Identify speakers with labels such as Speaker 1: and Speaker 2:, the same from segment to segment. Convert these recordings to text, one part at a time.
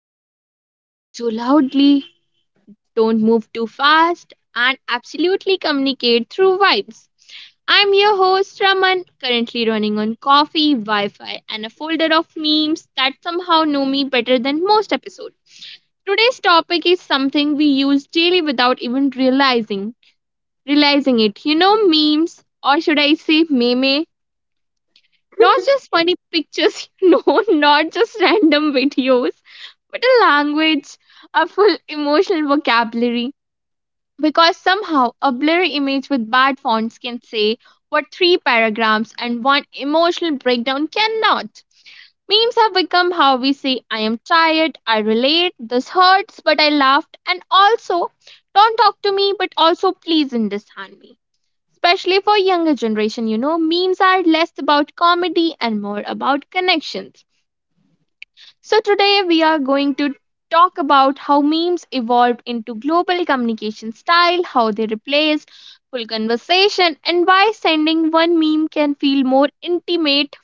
Speaker 1: where we don't speak too loudly, don't move too fast, and absolutely communicate through vibes. I'm your host Raman, currently running on coffee, Wi Fi, and a folder of memes that somehow know me better than most episodes. Today's topic is something we use daily without even realizing it, memes, or should I say meme? Not just funny pictures, not just random videos, but a language, a full emotional vocabulary. Because somehow a blurry image with bad fonts can say what three paragraphs and one emotional breakdown cannot. Memes have become how we say, I am tired, I relate, this hurts, but I laughed, and also, don't talk to me, but also please understand me. Especially for younger generation, memes are less about comedy and more about connections. So today we are going to talk about how memes evolved into global communication style, how they replaced full conversation, and why sending one meme can feel more intimate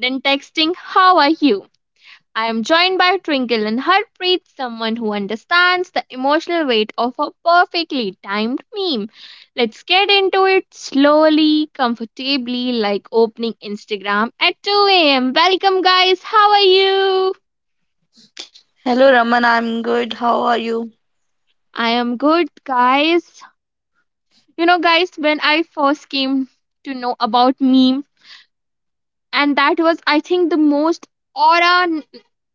Speaker 1: than texting how are you. I am joined by Twinkle and Harpreet, someone who understands the emotional weight of a perfectly timed meme. Let's get into it slowly, comfortably, like opening Instagram at 2 a.m. Welcome, guys. How are you?
Speaker 2: Hello Raman, I'm good. How are you?
Speaker 1: I am good, guys. You know, guys, when I first came to know about meme, and that was, I think, the most aura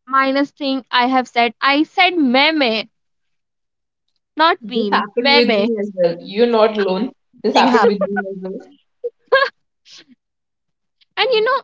Speaker 1: minus thing I have said. I said meme, not
Speaker 3: This
Speaker 1: meme,
Speaker 3: happened with
Speaker 1: meme.
Speaker 3: me as well. You're not alone. This
Speaker 2: Thing
Speaker 3: happened with
Speaker 2: happened.
Speaker 3: me as well.
Speaker 1: And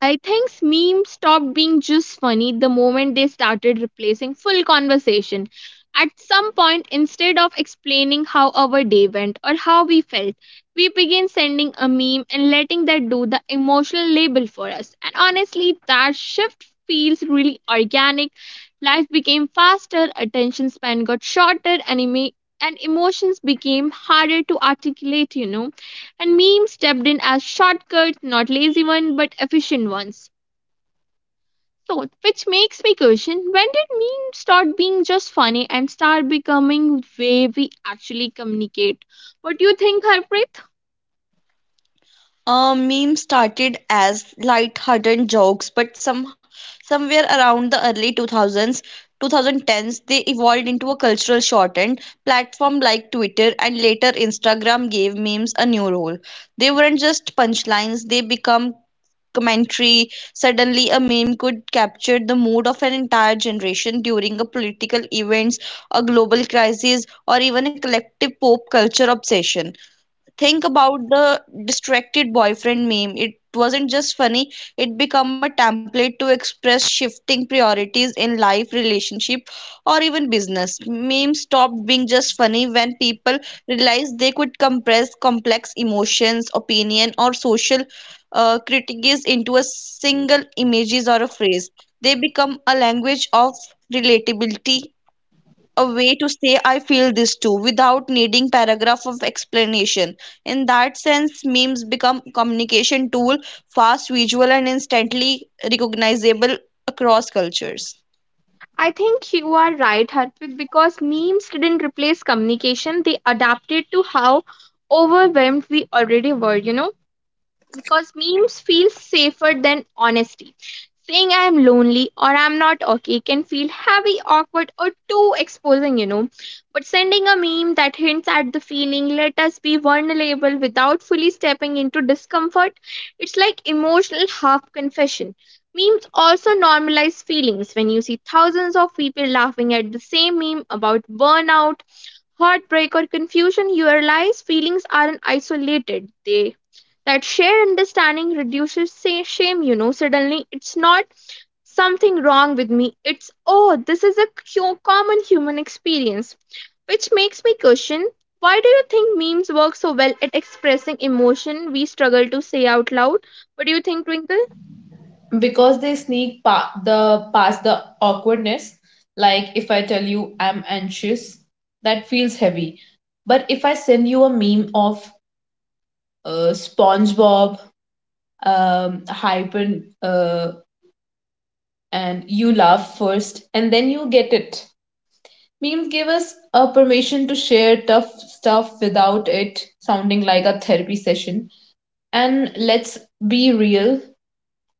Speaker 1: I think memes stopped being just funny the moment they started replacing full conversation. At some point, instead of explaining how our day went or how we felt, we began sending a meme and letting that do the emotional label for us. And honestly, that shift feels really organic. Life became faster, attention span got shorter, and emotions became harder to articulate, and memes stepped in as shortcuts, not lazy ones, but efficient ones. So, which makes me question, when did memes start being just funny and start becoming way we actually communicate? What do you think, Harpreet?
Speaker 2: Meme started as light-hearted jokes, but somewhere around the early 2000s, 2010s, they evolved into a cultural shortened platform like Twitter and later Instagram gave memes a new role. They weren't just punchlines, they become commentary. Suddenly, a meme could capture the mood of an entire generation during a political events, a global crisis, or even a collective pop culture obsession. Think about the distracted boyfriend meme. It wasn't just funny, it became a template to express shifting priorities in life, relationship, or even business. Memes stopped being just funny when people realized they could compress complex emotions, opinion, or social critiques into a single images or a phrase. They become a language of relatability, a way to say I feel this too without needing paragraph of explanation. In that sense, memes become communication tool, fast, visual and instantly recognizable across cultures.
Speaker 1: I think you are right, Harpreet, because memes didn't replace communication. They adapted to how overwhelmed we already were. Because memes feel safer than honesty. Saying I'm lonely or I'm not okay can feel heavy, awkward, or too exposing. But sending a meme that hints at the feeling, let us be vulnerable without fully stepping into discomfort, it's like emotional half confession. Memes also normalize feelings when you see thousands of people laughing at the same meme about burnout, heartbreak, or confusion, you realize feelings aren't isolated. They That shared understanding reduces shame. Suddenly, it's not something wrong with me. It's, oh, this is a common human experience. Which makes me question, why do you think memes work so well at expressing emotion we struggle to say out loud? What do you think, Twinkle?
Speaker 3: Because they sneak pa- the past the awkwardness. Like if I tell you I'm anxious, that feels heavy. But if I send you a meme of SpongeBob, hyper, uh, and you laugh first, and then you get it. Memes give us a permission to share tough stuff without it sounding like a therapy session. And let's be real,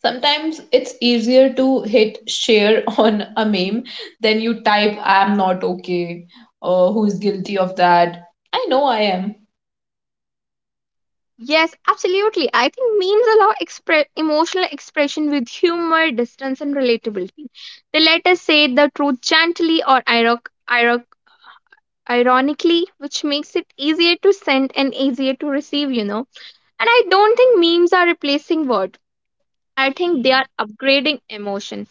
Speaker 3: sometimes it's easier to hit share on a meme than you type, I'm not okay, or who's guilty of that. I know I am.
Speaker 1: Yes, absolutely. I think memes allow emotional expression with humor, distance, and relatability. They let us say the truth gently or ironically, which makes it easier to send and easier to receive. And I don't think memes are replacing words. I think they are upgrading emotion.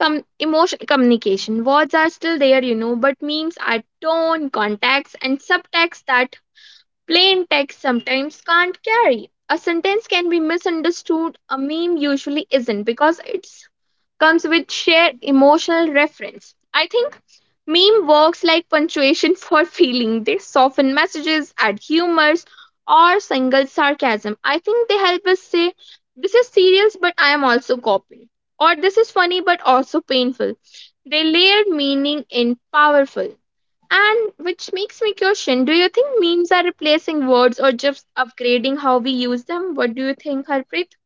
Speaker 1: Emotion communication. Words are still there, but memes are tone, context, and subtext that plain text sometimes can't carry. A sentence can be misunderstood, a meme usually isn't because it's comes with shared emotional reference. I think meme works like punctuation for feeling. They soften messages, add humors, or single sarcasm. I think they help us say, this is serious, but I am also copying, or this is funny, but also painful. They layered meaning in powerful. And which makes me question, do you think memes are replacing words or just upgrading how we use them? What do you think, Harpreet?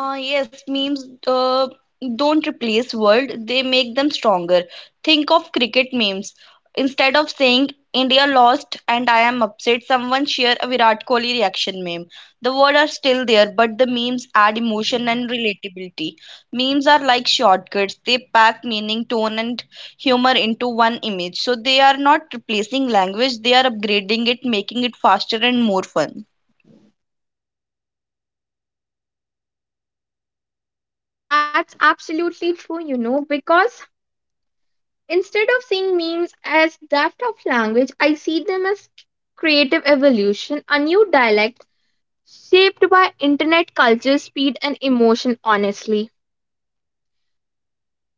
Speaker 2: Yes, memes don't replace world, they make them stronger. Think of cricket memes. Instead of saying India lost and I am upset, someone share a Virat Kohli reaction meme. The words are still there, but the memes add emotion and relatability. Memes are like shortcuts, they pack meaning, tone, and humor into one image. So they are not replacing language, they are upgrading it, making it faster and more fun.
Speaker 1: That's absolutely true, because instead of seeing memes as theft of language, I see them as creative evolution, a new dialect shaped by internet culture, speed, and emotion, honestly.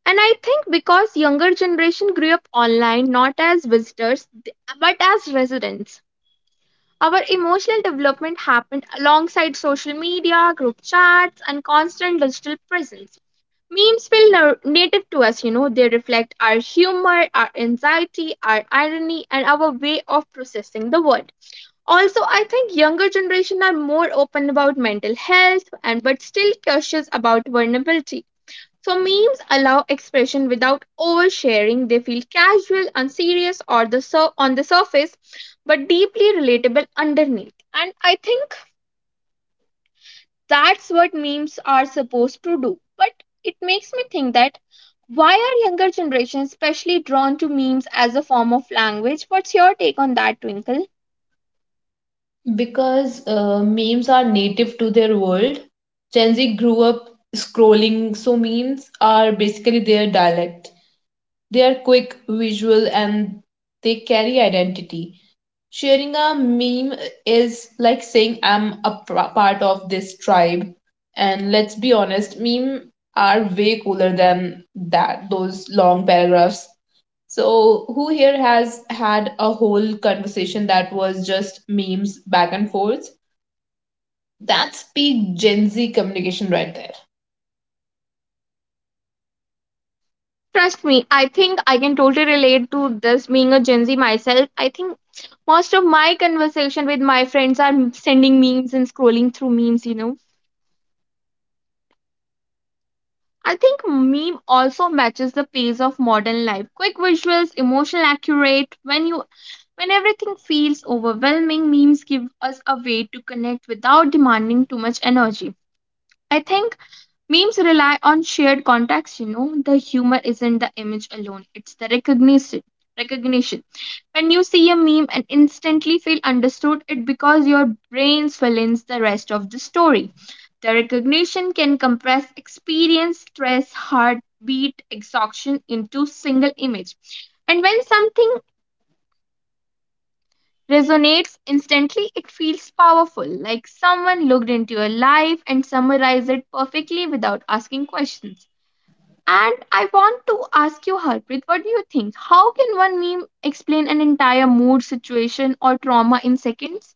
Speaker 1: And I think because younger generation grew up online not as visitors but as residents. Our emotional development happened alongside social media, group chats, and constant digital presence. Memes feel native to us, they reflect our humor, our anxiety, our irony, and our way of processing the world. Also, I think younger generation are more open about mental health and but still cautious about vulnerability. So memes allow expression without oversharing. They feel casual, unserious, or on the surface, but deeply relatable underneath. And I think that's what memes are supposed to do. But it makes me think that, why are younger generations especially drawn to memes as a form of language? What's your take on that, Twinkle?
Speaker 3: Because memes are native to their world. Gen Z grew up scrolling, so memes are basically their dialect. They are quick, visual, and they carry identity. Sharing a meme is like saying I'm part of this tribe. And let's be honest, memes are way cooler than that, those long paragraphs. So, who here has had a whole conversation that was just memes back and forth? That's peak Gen Z communication right
Speaker 1: Trust me, I think I can totally relate to this being a Gen Z myself. I think most of my conversation with my friends are sending memes and scrolling through memes. I think meme also matches the pace of modern life. Quick visuals, emotional accurate. When everything feels overwhelming, memes give us a way to connect without demanding too much energy. I think memes rely on shared context. The humor isn't the image alone, it's the recognition. When you see a meme and instantly feel understood, it because your brain fill in the rest of the story. The recognition can compress experience, stress, heartbeat, exhaustion into single image. And when something resonates instantly, it feels powerful, like someone looked into your life and summarized it perfectly without asking questions. And I want to ask you, Harpreet, what do you think? How can one meme explain an entire mood, situation, or trauma in seconds?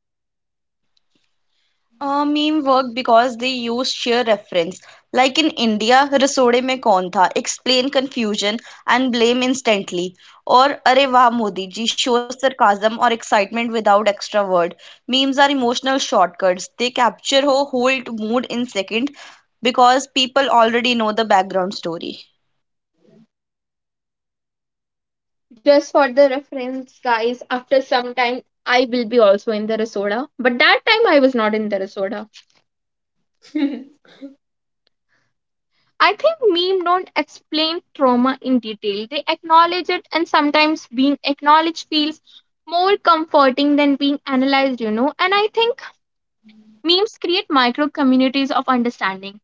Speaker 2: Memes work because they use sheer reference. Like in India, "Rasode me koi tha" explain confusion and blame instantly. Or "Arey wah Modi ji" shows their kaazam and excitement without extra words. Memes are emotional shortcuts. They capture or hold mood in second because people already know the background story.
Speaker 1: Just for the reference, guys, after some time, I will be also in the Resoda. But that time, I was not in the Resoda.
Speaker 3: there.
Speaker 1: I think meme don't explain trauma in detail. They acknowledge it, and sometimes being acknowledged feels more comforting than being analyzed. And I think memes create micro communities of understanding.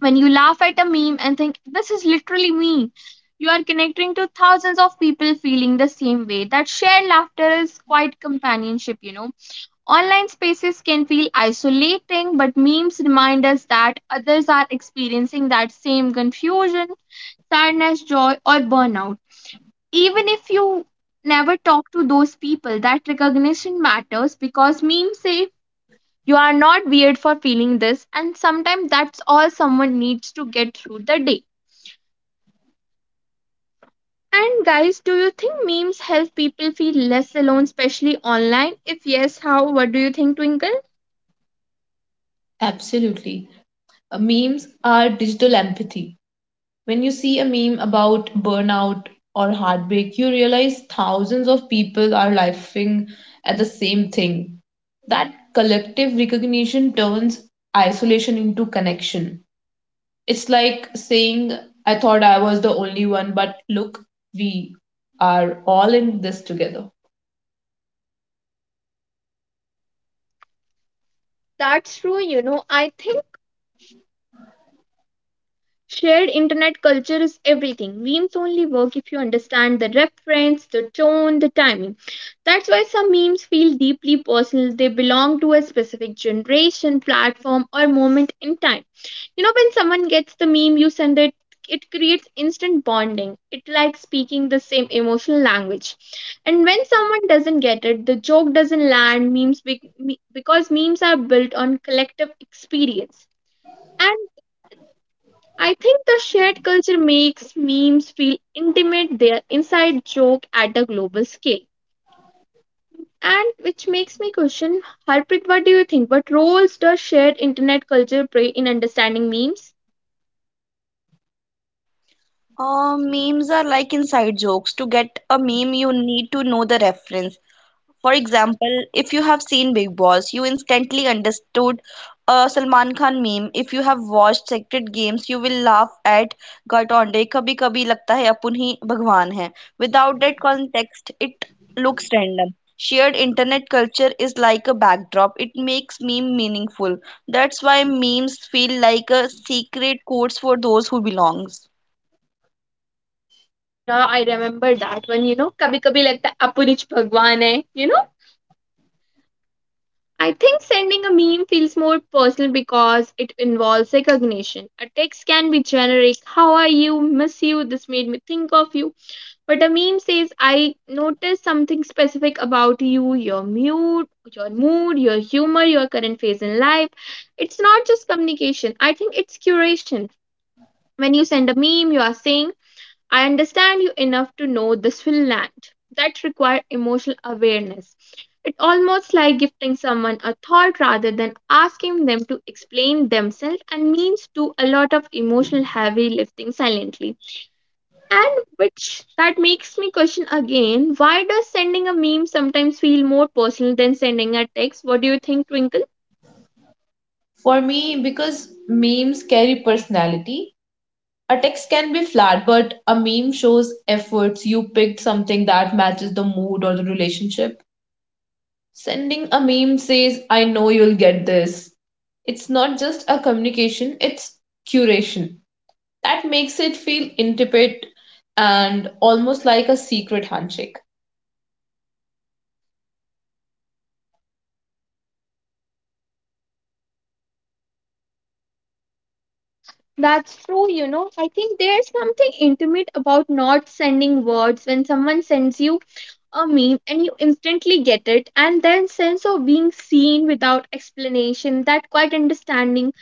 Speaker 1: When you laugh at a meme and think, this is literally me, you are connecting to thousands of people feeling the same way. That shared laughter is quite companionship. Online spaces can feel isolating, but memes remind us that others are experiencing that same confusion, sadness, joy, or burnout. Even if you never talk to those people, that recognition matters because memes say you are not weird for feeling this, and sometimes that's all someone needs to get through the day. And guys, do you think memes help people feel less alone, especially online? If yes, how? What do you think, Twinkle?
Speaker 3: Absolutely. Memes are digital empathy. When you see a meme about burnout or heartbreak, you realize thousands of people are laughing at the same thing. That collective recognition turns isolation into connection. It's like saying, I thought I was the only one, but look, we are all in this together.
Speaker 1: That's true. I think shared internet culture is everything. Memes only work if you understand the reference, the tone, the timing. That's why some memes feel deeply personal. They belong to a specific generation, platform, or moment in time. You know, when someone gets the meme you send it, it creates instant bonding. It like speaking the same emotional language. And when someone doesn't get it, the joke doesn't land because memes are built on collective experience. I think the shared culture makes memes feel intimate, their inside joke at a global scale. And which makes me question, Harpreet, what do you think? What roles does shared internet culture play in understanding memes?
Speaker 2: Memes are like inside jokes. To get a meme, you need to know the reference. For example, if you have seen Big Boss, you instantly understood a Salman Khan meme. If you have watched Sacred Games, you will laugh at Gatonde. कभी कभी लगता है अपुन ही भगवान है. Without that context, it looks random. Shared internet culture is like a backdrop. It makes meme meaningful. That's why memes feel like a secret codes for those who belongs.
Speaker 1: Yeah, I remember that one, kabhi kabhi lagta hai, apunich bhagwan hai, you know? I think sending a meme feels more personal because it involves recognition. A text can be generic, how are you, miss you, this made me think of you. But a meme says, I noticed something specific about you, your mood, your humor, your current phase in life. It's not just communication. I think it's curation. When you send a meme, you are saying, I understand you enough to know this will land. That requires emotional awareness. It's almost like gifting someone a thought rather than asking them to explain themselves, and memes do a lot of emotional heavy lifting silently. And which that makes me question again, why does sending a meme sometimes feel more personal than sending a text? What do you think, Twinkle?
Speaker 3: For me, because memes carry personality, a text can be flat, but a meme shows efforts. You picked something that matches the mood or the relationship. Sending a meme says, I know you'll get this. It's not just a communication, it's curation. That makes it feel intimate and almost like a secret handshake.
Speaker 1: That's true. I think there's something intimate about not sending words. When someone sends you a meme and you instantly get it and then sense of being seen without explanation, that quite understanding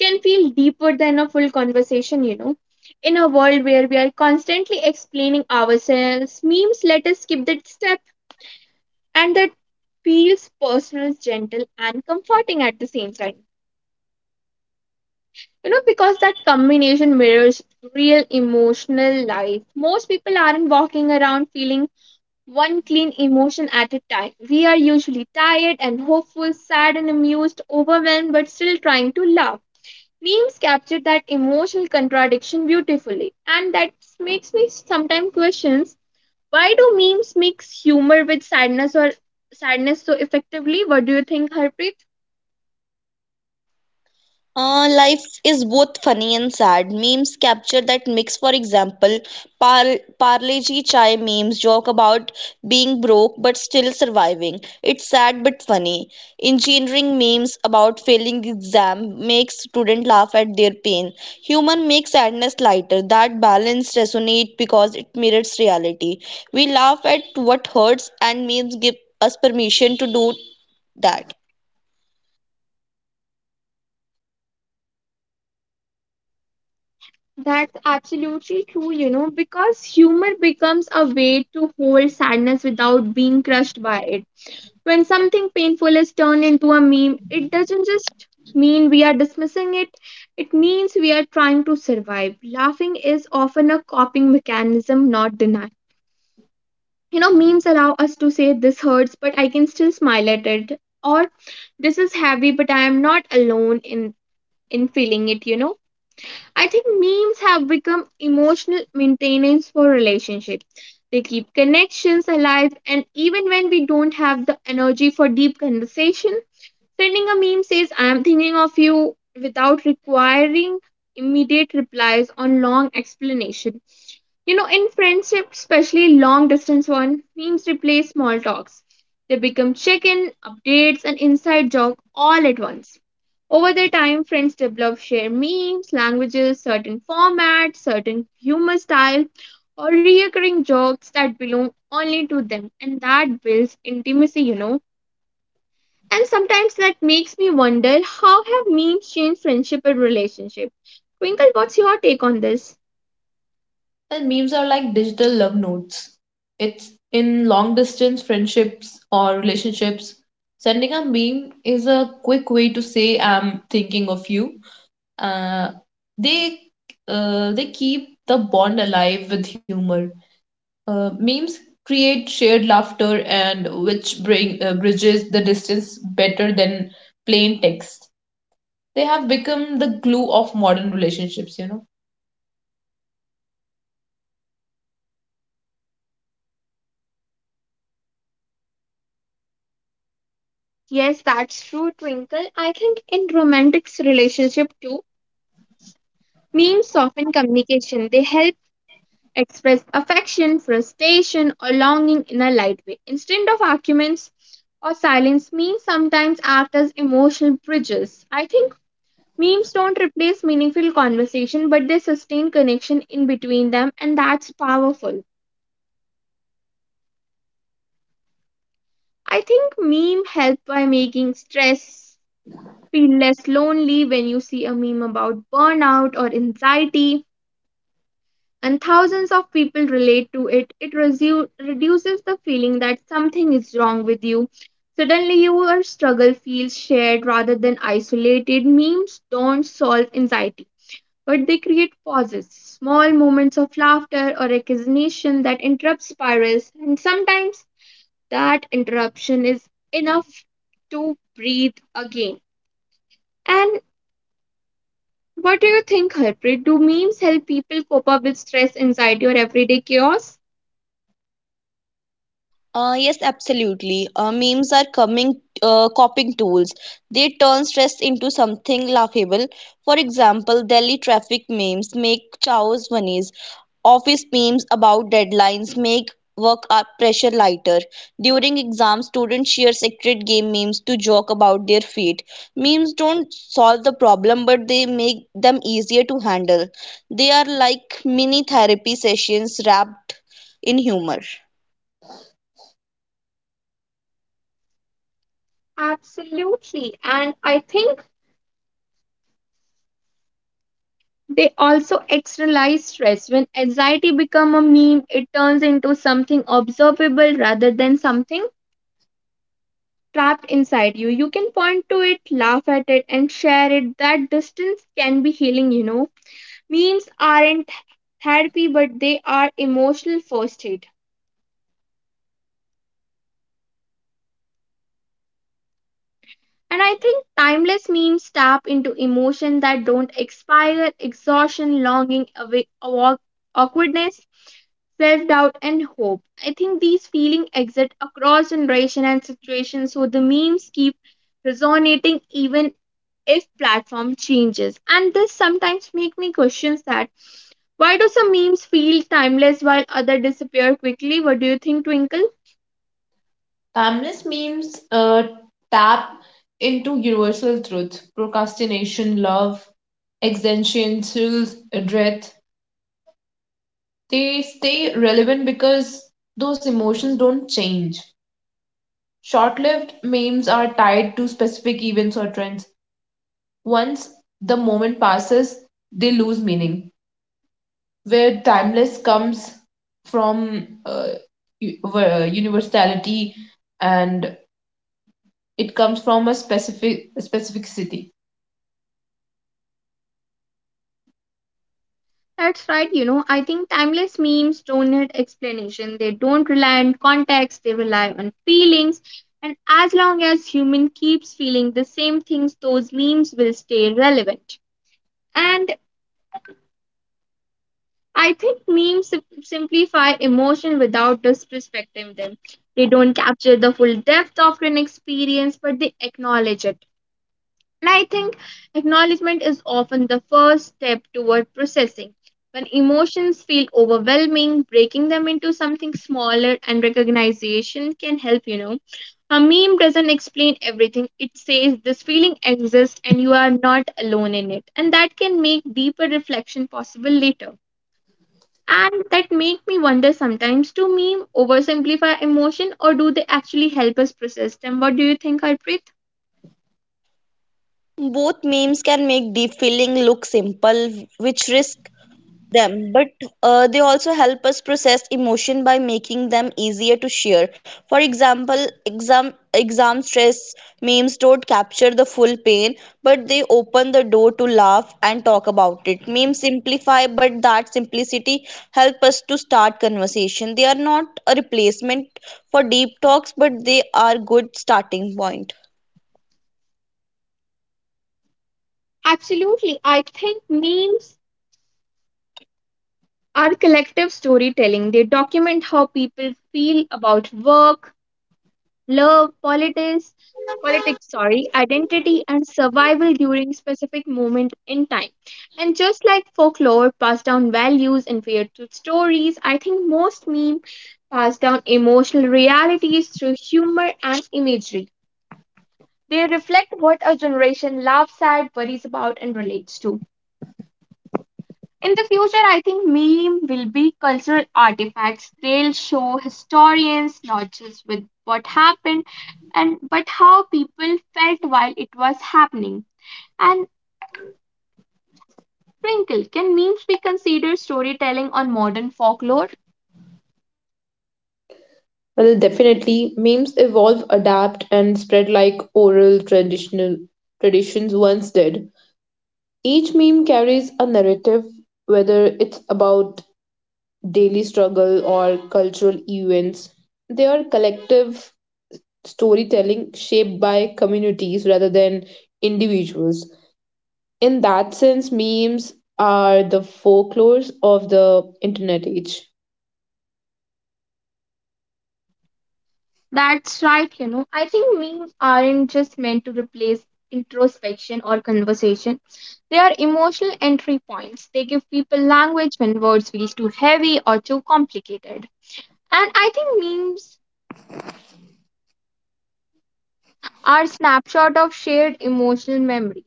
Speaker 1: can feel deeper than a full conversation. In a world where we are constantly explaining ourselves, memes let us skip that step, and that feels personal, gentle, and comforting at the same time. You know, because that combination mirrors real emotional life. Most people aren't walking around feeling one clean emotion at a time. We are usually tired and hopeful, sad and amused, overwhelmed, but still trying to laugh. Memes capture that emotional contradiction beautifully, and that makes me sometimes question, why do memes mix humor with sadness or sadness so effectively? What do you think, Harpreet?
Speaker 2: Life is both funny and sad. Memes capture that mix. For example, par Parle-G Chai memes joke about being broke but still surviving. It's sad but funny. Engineering memes about failing exam makes student laugh at their pain. Humor makes sadness lighter. That balance resonates because it mirrors reality. We laugh at what hurts, and memes give us permission to do that.
Speaker 1: That's absolutely true, you know, because humor becomes a way to hold sadness without being crushed by it. When something painful is turned into a meme, it doesn't just mean we are dismissing it, it means we are trying to survive. Laughing is often a coping mechanism, not denial. You know, memes allow us to say this hurts but I can still smile at it, or this is heavy but I am not alone in feeling it. I think memes have become emotional maintenance for relationships. They keep connections alive, and even when we don't have the energy for deep conversation, sending a meme says I am thinking of you without requiring immediate replies or long explanation. You know, in friendship, especially long distance one, memes replace small talks. They become check in, updates, and inside joke all at once. Over the time, friends develop shared memes, languages, certain formats, certain humor style, or recurring jokes that belong only to them, and that builds intimacy, you know. And sometimes that makes me wonder, how have memes changed friendship and relationship? Twinkle, what's your take on this?
Speaker 3: And memes are like digital love notes. It's in long distance friendships or relationships. Sending a meme is a quick way to say, I'm thinking of you. Uh, they, they keep the bond alive with humor. Memes create shared laughter and which bring bridges the distance better than plain text. They have become the glue of modern relationships, you know.
Speaker 1: Yes, that's true, Twinkle. I think in romantic relationship too, memes soften communication. They help express affection, frustration, or longing in a light way. Instead of arguments or silence, memes sometimes act as emotional bridges. I think memes don't replace meaningful conversation, but they sustain connection in between them, and that's powerful. I think meme help by making stress feel less lonely. When you see a meme about burnout or anxiety and thousands of people relate to it, it reduces the feeling that something is wrong with you. Suddenly your struggle feels shared rather than isolated. Memes don't solve anxiety, but they create pauses, small moments of laughter or recognition that interrupt spirals, and sometimes that interruption is enough to breathe again. And what do you think, Harpreet? Do memes help people cope up with stress, anxiety, or everyday chaos?
Speaker 2: Yes, absolutely. Memes are coming coping tools. They turn stress into something laughable. For example, Delhi traffic memes make chaos funnies. Office memes about deadlines make work up pressure lighter. During exams, students share secret game memes to joke about their fate. Memes don't solve the problem, but they make them easier to handle. They are like mini therapy sessions wrapped in humor.
Speaker 1: Absolutely. And I think they also externalize stress. When anxiety become a meme, it turns into something observable rather than something trapped inside you. You can point to it, laugh at it, and share it. That distance can be healing, you know. Memes aren't therapy, but they are emotional first aid. And I think timeless memes tap into emotions that don't expire, exhaustion, longing, awkwardness, self doubt, and hope. I think these feelings exist across generation and situations, so the memes keep resonating even if platform changes. And this sometimes make me question that, why do some memes feel timeless while other disappear quickly? What do you think, Twinkle?
Speaker 3: Timeless memes tap into universal truth, procrastination, love, existential dread. They stay relevant because those emotions don't change. Short lived memes are tied to specific events or trends. Once the moment passes, they lose meaning. Where timeless comes from universality, and it comes from a specificity.
Speaker 1: That's right, you know, I think timeless memes don't need explanation. They don't rely on context, they rely on feelings. And as long as human keeps feeling the same things, those memes will stay relevant. And I think memes simplify emotion without disrespecting them. They don't capture the full depth of an experience, but they acknowledge it. And I think acknowledgement is often the first step toward processing. When emotions feel overwhelming, breaking them into something smaller and recognition can help, you know. A meme doesn't explain everything. It says this feeling exists and you are not alone in it. And that can make deeper reflection possible later. And that make me wonder sometimes, do meme oversimplify emotion or do they actually help us process them? What do you think, Harpreet?
Speaker 2: Both memes can make deep feeling look simple, which risk them, but they also help us process emotion by making them easier to share. For example, exam stress memes don't capture the full pain, but they open the door to laugh and talk about it. Memes simplify, but that simplicity help us to start conversation. They are not a replacement for deep talks, but they are good starting point.
Speaker 1: Absolutely. I think memes our collective storytelling, they document how people feel about work, love, politics, sorry, identity and survival during specific moment in time. And just like folklore passed down values and fear through stories, I think most meme pass down emotional realities through humor and imagery. They reflect what a generation laughs at, worries about, and relates to. In the future, I think meme will be cultural artifacts. They'll show historians not just with what happened and but how people felt while it was happening. And Twinkle, can memes be considered storytelling on modern folklore?
Speaker 3: Well, definitely, memes evolve, adapt, and spread like oral traditional traditions once did. Each meme carries a narrative, whether it's about daily struggle or cultural events. They are collective storytelling shaped by communities rather than individuals. In that sense, memes are the folklores of the internet age.
Speaker 1: That's right, you know. I think memes aren't just meant to replace introspection or conversation. They are emotional entry points. They give people language when words feel too heavy or too complicated. And I think memes are snapshot of shared emotional memory.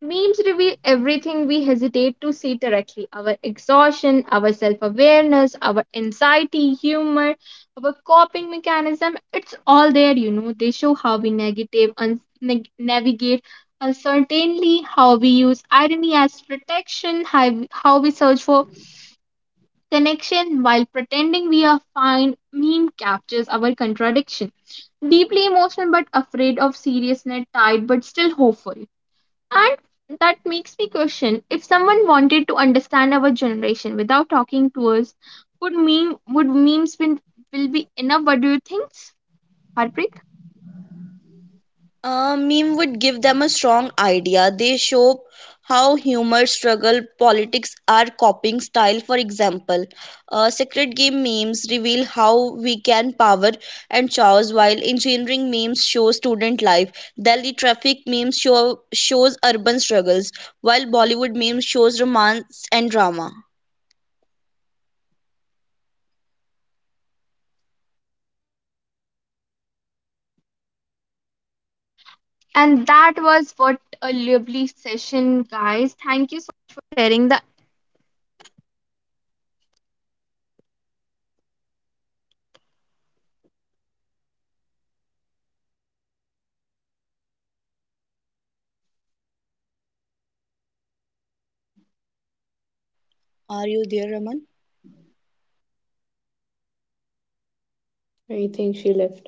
Speaker 1: Memes reveal everything we hesitate to see directly, our exhaustion, our self awareness, our anxiety, humor, our coping mechanism. It's all there, you know. They show how we navigate uncertainty, how we use irony as protection, how we search for connection while pretending we are fine. Meme captures our contradiction, deeply emotional but afraid of seriousness, tired but still hopeful. And that makes me question, if someone wanted to understand our generation without talking to us, would memes will be enough? What do you think, Harpreet?
Speaker 2: A meme would give them a strong idea. They show how humor, struggle, politics are coping style. For example, Secret Game memes reveal how we can power and chores, while engineering memes show student life. Delhi traffic memes show shows urban struggles, while Bollywood memes shows romance and drama.
Speaker 1: And that was, what a lovely session, guys. Thank
Speaker 2: Are you there, Raman?
Speaker 3: I think she left.